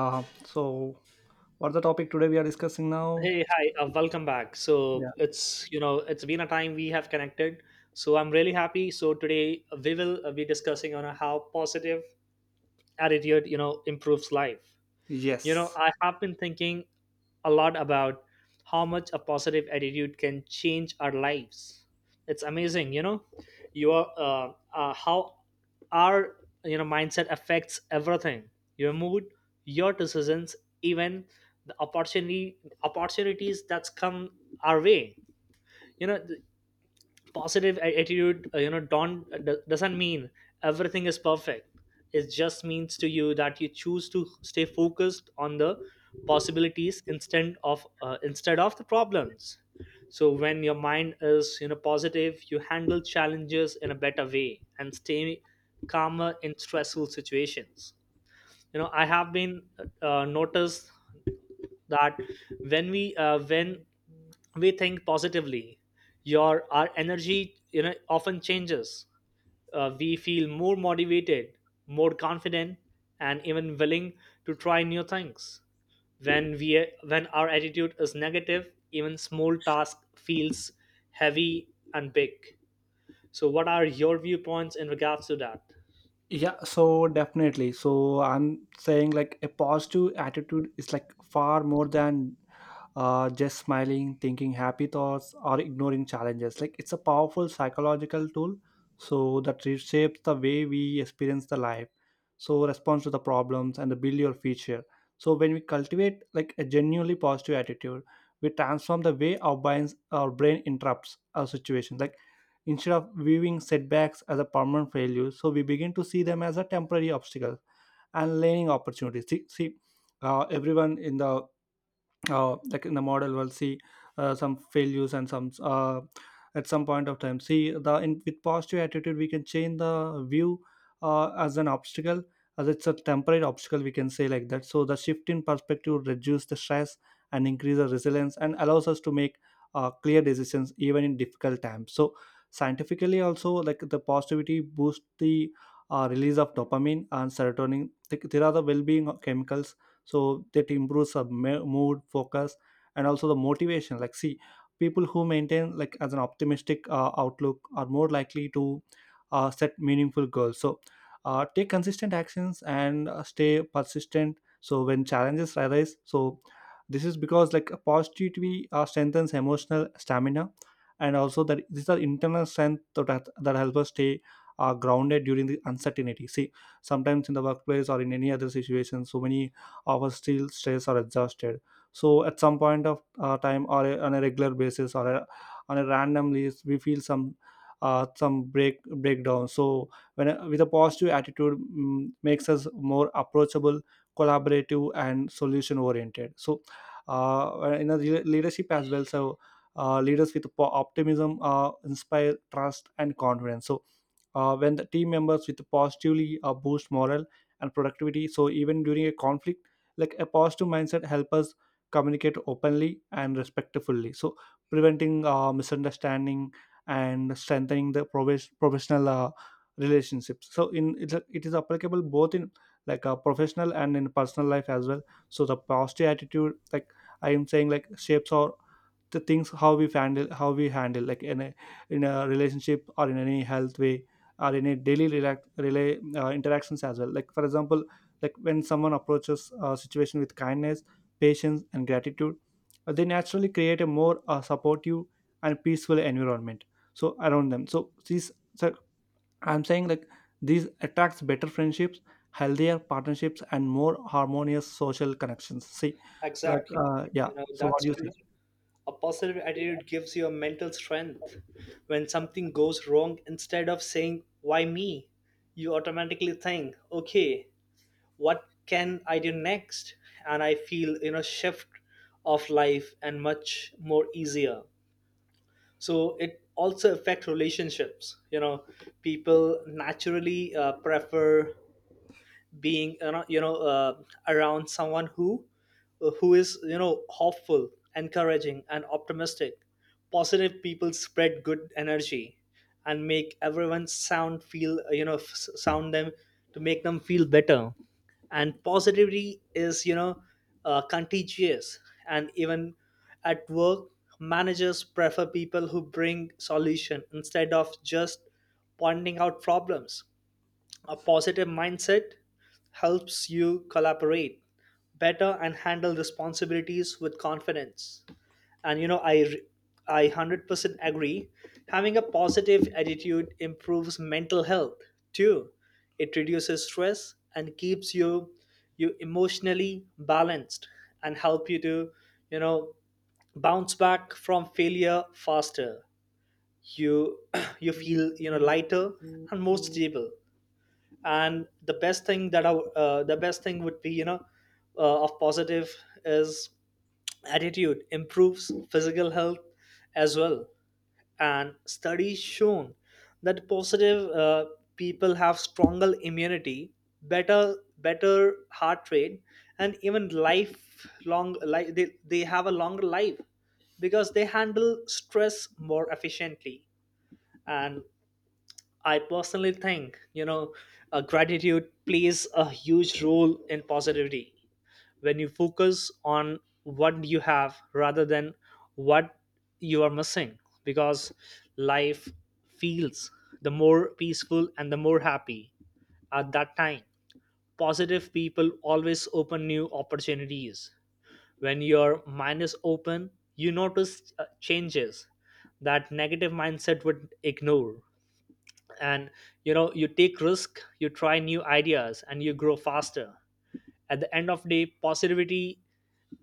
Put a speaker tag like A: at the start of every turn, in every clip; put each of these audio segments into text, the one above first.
A: Uh, so, what's the topic today we are discussing now?
B: Hey, hi, welcome back. So
A: Yeah.
B: it's you know it's been a time we have connected. So I'm really happy. So today we will be discussing on how positive attitude improves life. You know
A: Yes.
B: I have been thinking a lot about how much a positive attitude can change our lives. It's amazing, you know, your how our mindset affects everything. Your mood, your decisions, even the opportunity opportunities that's come our way. You know, positive attitude don't d- doesn't mean everything is perfect. It just means to you that you choose to stay focused on the possibilities instead of the problems. So when your mind is positive, you handle challenges in a better way and stay calmer in stressful situations. You know, I have been noticed that when we think positively, your our energy often changes. We feel more motivated, more confident, and even willing to try new things. When we when our attitude is negative, even small task feels heavy and big. So what are your viewpoints in regards to that?
A: Yeah, so definitely. So I'm saying like a positive attitude is like far more than just smiling, thinking happy thoughts, or ignoring challenges. Like it's a powerful psychological tool. So that reshapes the way we experience the life. So response to the problems and the build your future. So when we cultivate like a genuinely positive attitude, we transform the way our brain interrupts our situation. Like instead of viewing setbacks as a permanent failure, so we begin to see them as a temporary obstacle and learning opportunities. See, everyone in the like in the model we'll see some failures and some at some point of time see the in, with positive attitude we can change the view as an obstacle, as it's a temporary obstacle we can say like that. So the shift in perspective reduce the stress and increase the resilience and allows us to make clear decisions even in difficult times. So scientifically also, like the positivity boosts the release of dopamine and serotonin. There are the well-being chemicals. So that improves our mood focus and also the motivation. Like see, people who maintain like as an optimistic outlook are more likely to set meaningful goals, so take consistent actions and stay persistent so when challenges arise. So this is because like positivity strengthens emotional stamina, and also that these are internal strength that help us stay grounded during the uncertainty. See, sometimes in the workplace or in any other situation, so many our steel stress, are exhausted. So at some point of time or on a regular basis or a, on a randomly we feel some breakdown. So with a positive attitude, makes us more approachable, collaborative and solution oriented. So in a leadership as well. So leaders with optimism inspire trust and confidence. So when the team members with positively boost morale and productivity, so even during a conflict, like a positive mindset help us communicate openly and respectfully, so preventing misunderstanding and strengthening the professional relationships. So in it is applicable both in like a professional and in personal life as well. So the positive attitude, like I am saying, like shapes our the things how we handle, how we handle like in a relationship or in any health way or in a daily relax, relay interactions as well. Like for example, like when someone approaches a situation with kindness, patience and gratitude, they naturally create a more supportive and peaceful environment so around them. So these, so I'm saying like these attracts better friendships, healthier partnerships and more harmonious social connections. See, like
B: Exactly.
A: yeah,
B: You know,
A: so what
B: that's
A: do you
B: true.
A: say?
B: A positive attitude gives you a mental strength. When something goes wrong, instead of saying, "Why me?" you automatically think, "Okay, what can I do next?" And I feel, shift of life and much more easier. So it also affects relationships. You know, people naturally prefer being around someone who is hopeful, encouraging, and optimistic. Positive people spread good energy and make everyone sound feel you know f- sound them to make them feel better. And positivity is contagious. And even at work, managers prefer people who bring solution instead of just pointing out problems. A positive mindset helps you collaborate better and handle responsibilities with confidence. And you know, I 100% agree. Having a positive attitude improves mental health too. It reduces stress and keeps you emotionally balanced, and help you to, you know, bounce back from failure faster. You you feel, you know, lighter and more stable. And the best thing that the best thing would be of positive is attitude improves physical health as well. And studies shown that positive people have stronger immunity, better heart rate, and even they have a longer life because they handle stress more efficiently. And I personally think, you know, gratitude plays a huge role in positivity. When you focus on what you have rather than what you are missing, because life feels the more peaceful and the more happy at that time. Positive people always open new opportunities. When your mind is open, you notice changes that negative mindset would ignore. And you know, you take risk, you try new ideas, and you grow faster. At the end of the day, positivity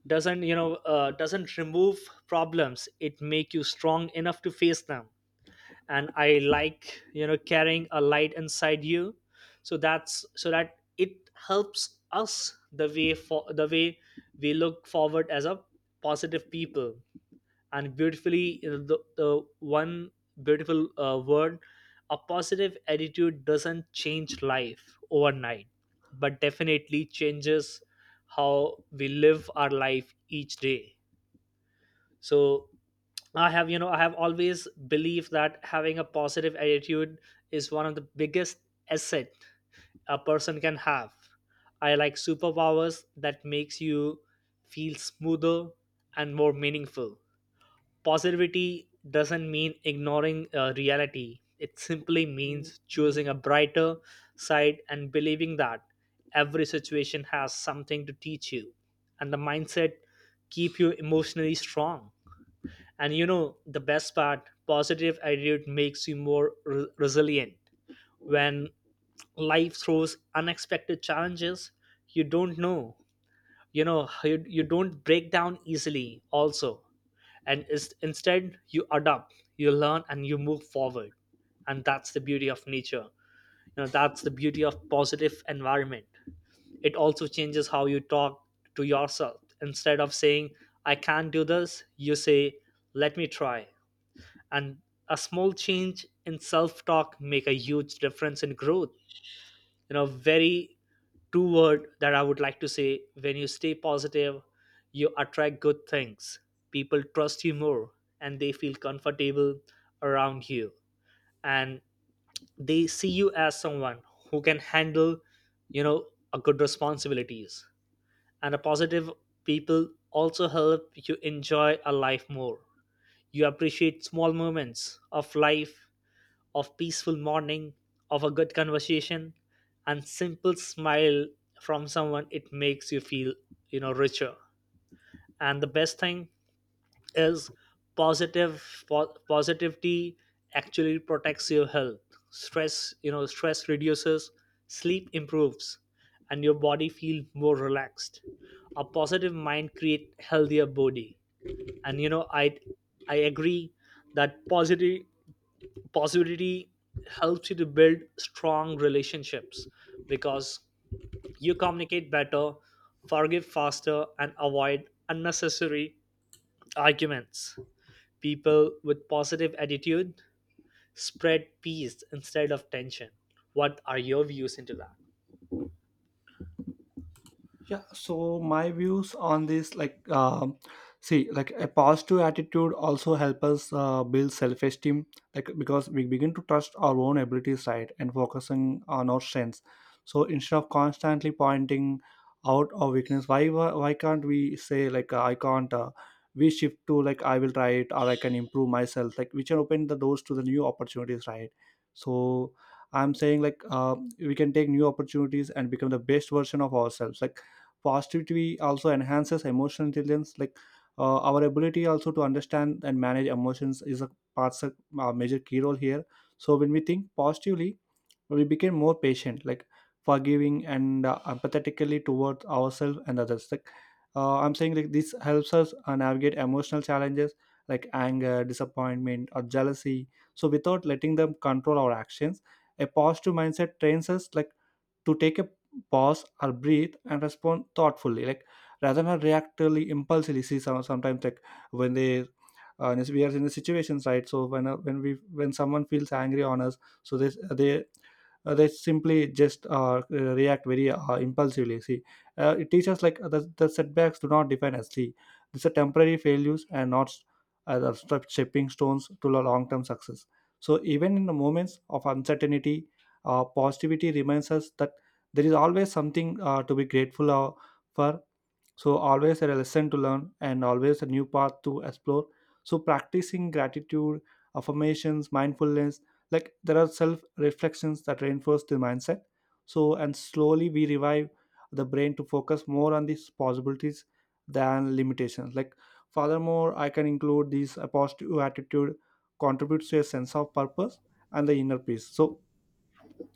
B: doesn't you know doesn't remove problems, it make you strong enough to face them. And I like, you know, carrying a light inside you. So that's, so that it helps us the way, for the way we look forward as a positive people. And beautifully, you know, the one beautiful word: a positive attitude doesn't change life overnight, but definitely changes how we live our life each day. So I have, you know, I have always believed that having a positive attitude is one of the biggest asset a person can have. I like superpowers that makes you feel smoother and more meaningful. Positivity doesn't mean ignoring reality. It simply means choosing a brighter side and believing that every situation has something to teach you. And the mindset keep you emotionally strong. And you know, the best part, positive attitude makes you resilient. When life throws unexpected challenges, you don't know, you know, you don't break down easily also. And is, instead you adapt, you learn, and you move forward. And that's the beauty of nature. You know, that's the beauty of positive environment. It also changes how you talk to yourself. Instead of saying, "I can't do this," you say, "Let me try." And a small change in self talk make a huge difference in growth. You know, very two word that I would like to say: when you stay positive, you attract good things. People trust you more, and they feel comfortable around you. And they see you as someone who can handle, you know, a good responsibilities. And a positive people also help you enjoy a life more. You appreciate small moments of life: of peaceful morning, of a good conversation, and simple smile from someone. It makes you feel, you know, richer. And the best thing is, positivity actually protects your health. Stress, you know, stress reduces, sleep improves, and your body feel more relaxed. A positive mind create healthier body. And you know, I agree that positive positivity helps you to build strong relationships, because you communicate better, forgive faster, and avoid unnecessary arguments. People with positive attitude spread peace instead of tension. What are your views into that?
A: Yeah, so my views on this, like, see, like a positive attitude also help us build self-esteem, like because we begin to trust our own abilities, right, and focusing on our strengths. So instead of constantly pointing out our weakness, why can't we say like I can't? We shift to like I will try it or I can improve myself, like which can open the doors to the new opportunities, right? So I'm saying like we can take new opportunities and become the best version of ourselves, like positivity also enhances emotional intelligence. Like our ability also to understand and manage emotions is a parts a major key role here. So when we think positively, we become more patient, like forgiving and empathetically towards ourselves and others. Like I'm saying like this helps us navigate emotional challenges like anger, disappointment or jealousy, so without letting them control our actions. A positive mindset trains us like to take a pause or breathe and respond thoughtfully, like rather than reactively impulsively. See, sometimes like when they and we are in the situations, right? So when when we when someone feels angry on us, so they they simply just react very impulsively. See, it teaches like the setbacks do not define us. See, these are temporary failures and not stepping stones to the long-term success. So even in the moments of uncertainty, positivity reminds us that there is always something to be grateful for, so always a lesson to learn and always a new path to explore. So practicing gratitude, affirmations, mindfulness, like there are self reflections that reinforce the mindset. So, and slowly we revive the brain to focus more on these possibilities than limitations. Like, furthermore, I can include these a positive attitude contributes to a sense of purpose and the inner peace. So,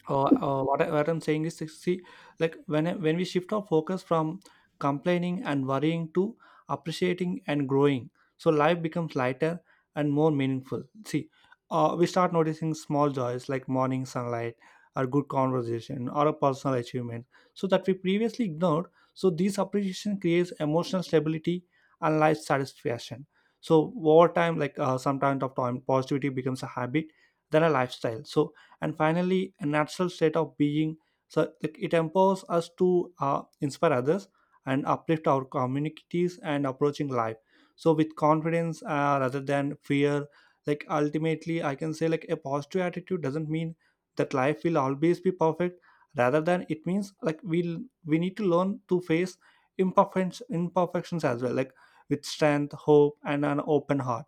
A: what I'm saying is, see, like when we shift our focus from complaining and worrying to appreciating and growing, so life becomes lighter and more meaningful. See, we start noticing small joys like morning sunlight, or good conversation, or a personal achievement, so that we previously ignored. So this appreciation creates emotional stability and life satisfaction. So over time, like sometimes of time, positivity becomes a habit, then a lifestyle. So and finally a natural state of being, so like, it empowers us to inspire others and uplift our communities and approaching life so with confidence rather than fear. Like ultimately I can say like a positive attitude doesn't mean that life will always be perfect, rather than it means like we'll we need to learn to face imperfections as well, like with strength, hope and an open heart.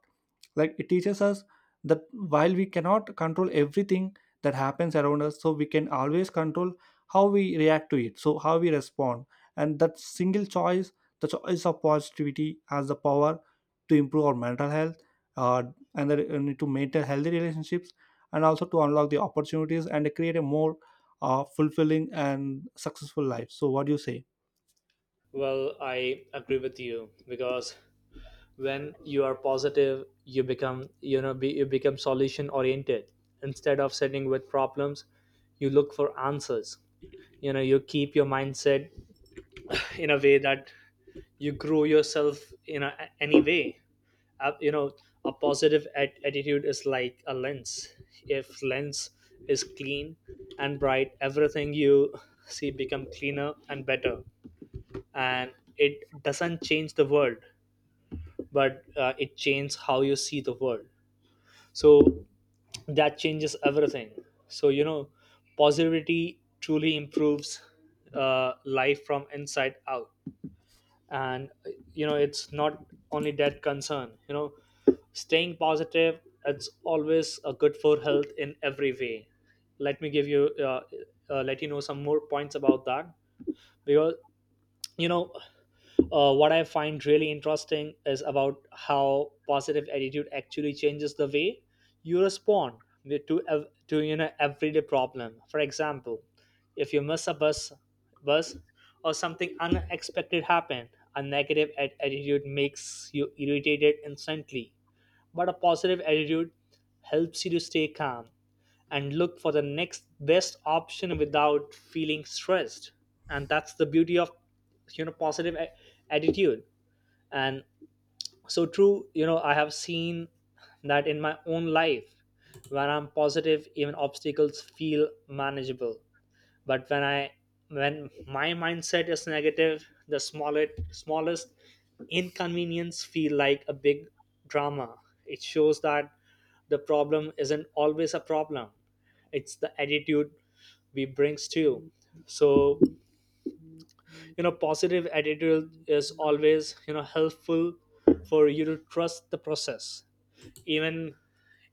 A: Like it teaches us that while we cannot control everything that happens around us, so we can always control how we react to it, so how we respond. And that single choice, the choice of positivity has the power to improve our mental health, uh, and and to maintain healthy relationships and also to unlock the opportunities and create a more fulfilling and successful life. So what do you say?
B: Well, I agree with you, because when you are positive, you become, you know, you become solution oriented. Instead of sitting with problems, you look for answers. You know, you keep your mindset in a way that you grow yourself in a, any way. You know, a positive attitude is like a lens. If lens is clean and bright, everything you see become cleaner and better. And it doesn't change the world, but it changes how you see the world. So that changes everything. So you know, positivity truly improves uh, life from inside out. And you know, it's not only that concern, you know, staying positive, it's always a good for health in every way. Let me give you let you know some more points about that, because you know, what I find really interesting is about how positive attitude actually changes the way you respond to, you know, everyday problem. For example, if you miss a bus, bus or something unexpected happened, a negative attitude makes you irritated instantly. But a positive attitude helps you to stay calm and look for the next best option without feeling stressed. And that's the beauty of, you know, attitude. And so true, you know, I have seen that in my own life. When I'm positive, even obstacles feel manageable. But when my mindset is negative, the smallest inconvenience feel like a big drama. It shows that the problem isn't always a problem, it's the attitude we brings to you. So you know, positive attitude is always, you know, helpful for you to trust the process. even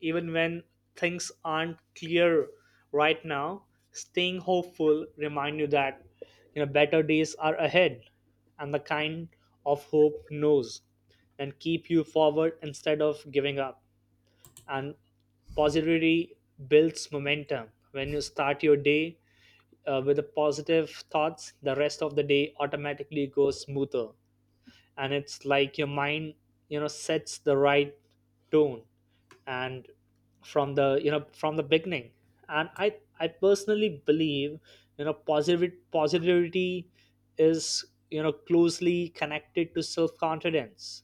B: Even when things aren't clear right now, staying hopeful remind you that, you know, better days are ahead. And the kind of hope knows and keep you forward instead of giving up. And positivity builds momentum. When you start your day with the positive thoughts, the rest of the day automatically goes smoother. And it's like your mind, you know, sets the right tone and from the, you know, from the beginning. And I personally believe, you know, positive positivity is, you know, closely connected to self confidence.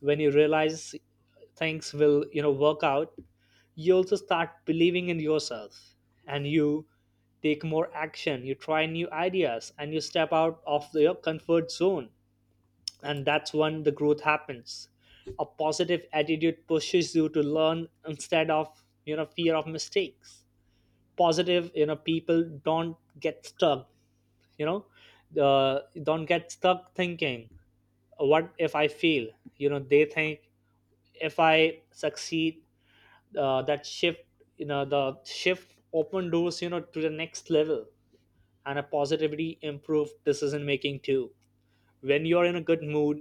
B: When you realize things will, you know, work out, you also start believing in yourself. And you take more action, you try new ideas, and you step out of your comfort zone. And that's when the growth happens. A positive attitude pushes you to learn instead of, you know, fear of mistakes. Positive, you know, people don't get stuck, you know, don't get stuck thinking "What if I fail?" You know, they think, "If I succeed." uh, that shift, you know, the shift open doors, you know, to the next level. And a positivity improved decision making too. When you're in a good mood,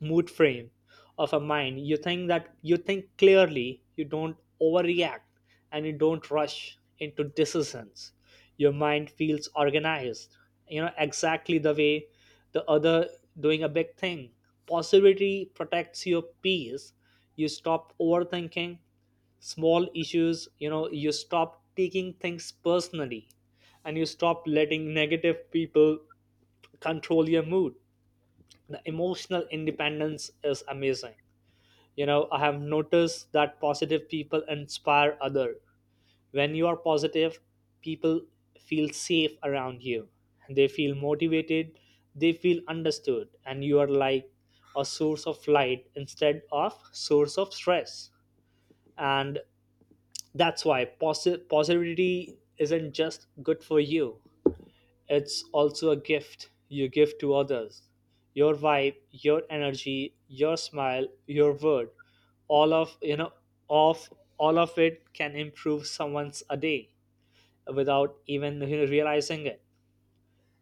B: frame of a mind, you think clearly, you don't overreact, and you don't rush into decisions. Your mind feels organized. You know exactly the way the other doing a big thing. Possibility protects your peace. You stop overthinking small issues. You know, you stop taking things personally, and you stop letting negative people control your mood. The emotional independence is amazing. You know, I have noticed that positive people inspire other. When you are positive, people feel safe around you, they feel motivated, they feel understood, and you are like a source of light instead of source of stress. And that's why positivity isn't just good for you, it's also a gift you give to others. Your vibe, your energy, your smile, your word, all of you know of all of it can improve someone's a day without even realizing it.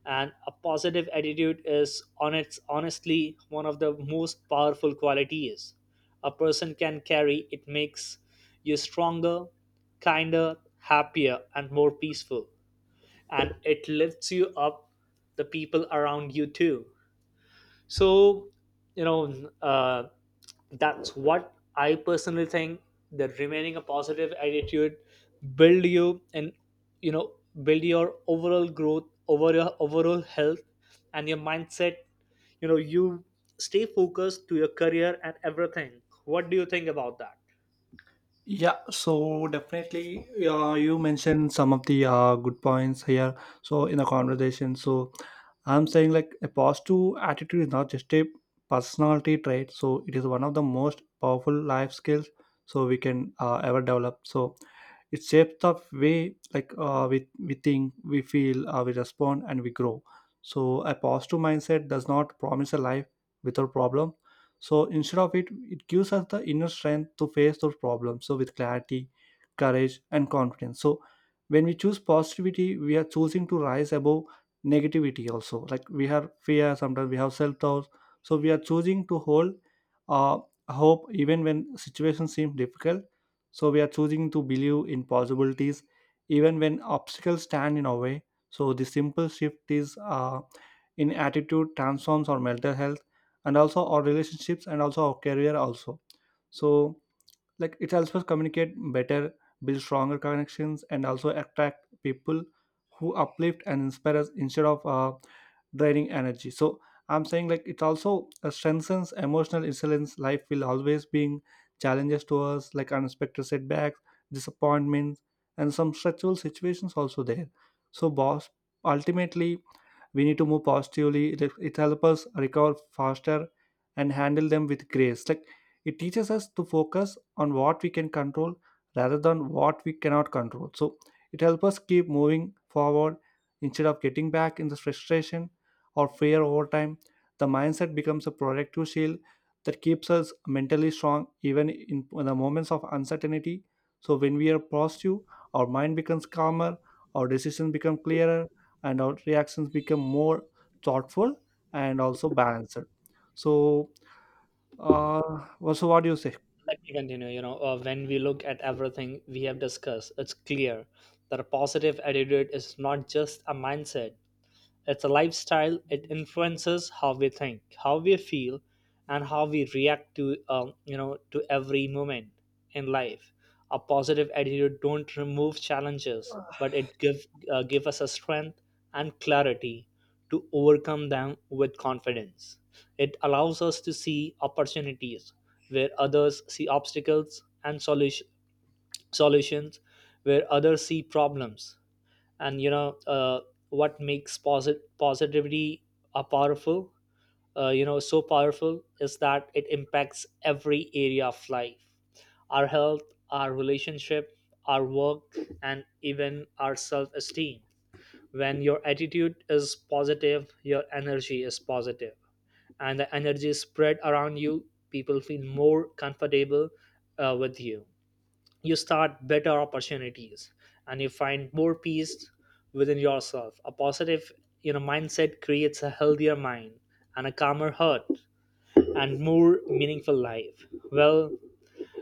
B: And a positive attitude is on its honestly one of the most powerful qualities a person can carry. It makes you stronger, kinder, happier, and more peaceful, and it lifts you up the people around you too. So you know uh, that's what I personally think, that remaining a positive attitude build you and you know build your overall growth over your overall health and your mindset. You know, you stay focused to your career and everything. What do you think about that?
A: Yeah, so definitely, you mentioned some of the good points here. So in the conversation, so I'm saying like a positive attitude is not just a personality trait. So it is one of the most powerful life skills so we can ever develop. So it shapes the way, like we think we feel we respond and we grow. So a positive mindset does not promise a life without problem. So instead of it, it gives us the inner strength to face those problems, so with clarity, courage and confidence. So when we choose positivity, we are choosing to rise above negativity also. Like we have fear, sometimes we have self-doubt, so we are choosing to hold uh, hope even when situations seem difficult. So we are choosing to believe in possibilities even when obstacles stand in our way. So the simple shift is in attitude transforms our mental health and also our relationships and also our career also. So like it helps us communicate better, build stronger connections, and also attract people who uplift and inspire us instead of draining energy. So I'm saying like it also strengthens emotional resilience. Life will always bring challenges to us, like unexpected setbacks, disappointments and some stressful situations also there. So boss, ultimately we need to move positively. It helps us recover faster and handle them with grace. Like it teaches us to focus on what we can control rather than what we cannot control. So it helps us keep moving forward instead of getting back in the frustration or fear. Over time, the mindset becomes a protective shield that keeps us mentally strong even in the moments of uncertainty. So when we are positive, our mind becomes calmer, our decisions become clearer, and our reactions become more thoughtful and also balanced. So uh well, so what do you say?
B: Let me continue. When we look at everything we have discussed, it's clear that a positive attitude is not just a mindset, it's a lifestyle. It influences how we think, how we feel, and how we react to to every moment in life. A positive attitude don't remove challenges, but it give give us a strength and clarity to overcome them with confidence. It allows us to see opportunities where others see obstacles, and solutions where others see problems. And what makes positivity a powerful so powerful is that it impacts every area of life, our health, our relationship, our work, and even our self-esteem. When your attitude is positive, your energy is positive, and the energy is spread around you. People feel more comfortable with you, you start better opportunities, and you find more peace within yourself. A positive mindset creates a healthier mind and a calmer heart and more meaningful life. Well,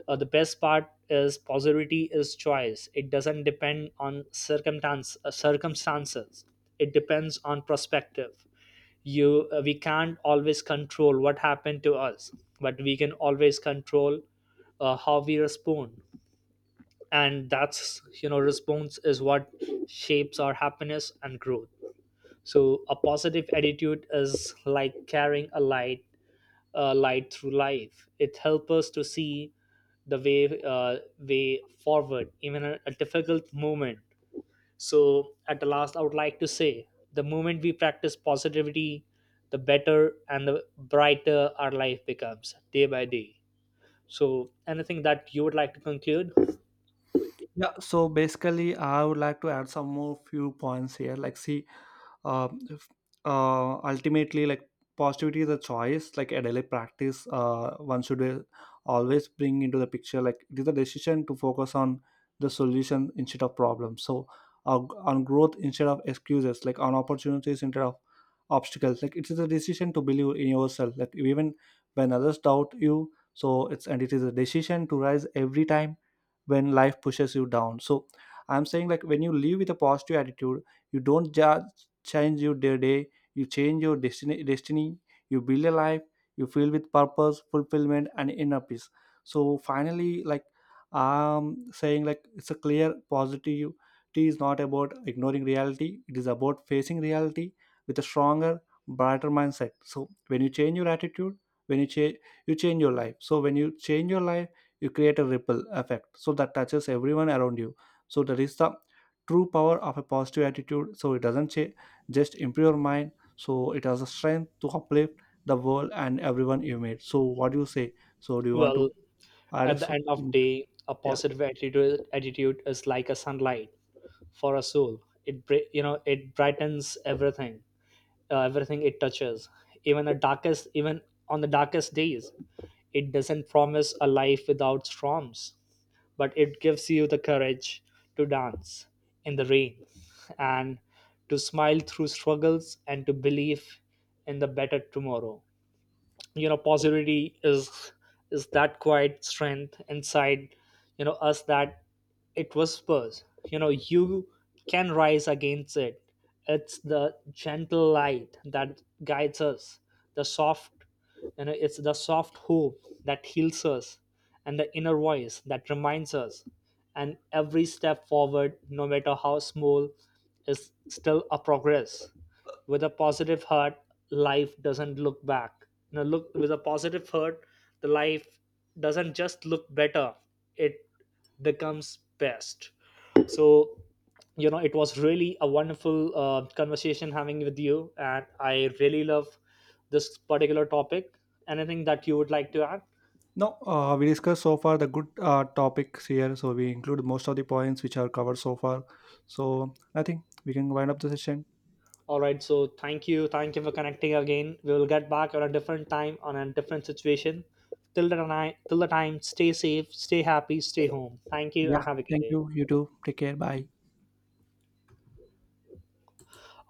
B: the best part is positivity is choice. It doesn't depend on circumstances, it depends on perspective. You We can't always control what happened to us, but we can always control how we respond. And that's, response is what shapes our happiness and growth. So a positive attitude is like carrying a light, a light through life. It helps us to see the way forward even at a difficult moment. So at the last, I would like to say, the moment we practice positivity, the better and the brighter our life becomes day by day. So anything that you would like to conclude?
A: Yeah, so basically I would like to add some more few points here, like see, uh, if- ultimately like positivity is a choice, like a daily practice one should always bring into the picture. Like it is a decision to focus on the solution instead of problems, so uh, on growth instead of excuses, like on opportunities instead of obstacles. Like it is a decision to believe in yourself, like even when others doubt you. So it's and it is a decision to rise every time when life pushes you down. So I'm saying like when you live with a positive attitude, you don't judge, change your day, you change your destiny, you build a life, you fill with purpose, fulfillment and inner peace. So finally, like I'm saying like it's a clear positive T is not about ignoring reality, it is about facing reality with a stronger, brighter mindset. So when you change your attitude, when you change, you change your life. So when you change your life, you create a ripple effect, so that touches everyone around you. So that is the true power of a positive attitude. So it doesn't change, just improve your mind. So it has a strength to uplift the world and everyone you meet. So what do you say? So do you want
B: Well,
A: to add
B: at the
A: so?
B: end of day, a
A: Yeah.
B: positive attitude is like a sunlight for a soul. It It brightens everything, everything it touches. Even the darkest, even on the darkest days, it doesn't promise a life without storms, but it gives you the courage to dance in the rain, and to smile through struggles, and to believe in the better tomorrow. Positivity is that quiet strength inside us, that it whispers, you can rise against it. It's the gentle light that guides us, the soft you know it's the soft hope that heals us, and the inner voice that reminds us and every step forward, no matter how small, is still a progress. With a positive heart, life doesn't look back you know look with a positive hurt, the life doesn't just look better, it becomes best. So it was really a wonderful conversation having with you, and I really love this particular topic. Anything that you would like to add?
A: No, we discussed so far the good topics here, so we include most of the points which are covered so far. So I think we can wind up the session.
B: All right, so thank you, thank you for connecting again. We will get back on a different time on a different situation. Till till the time, stay safe, stay happy, stay home. Thank you and
A: Yeah,
B: have a good
A: thank
B: day.
A: you, you too, take care, bye.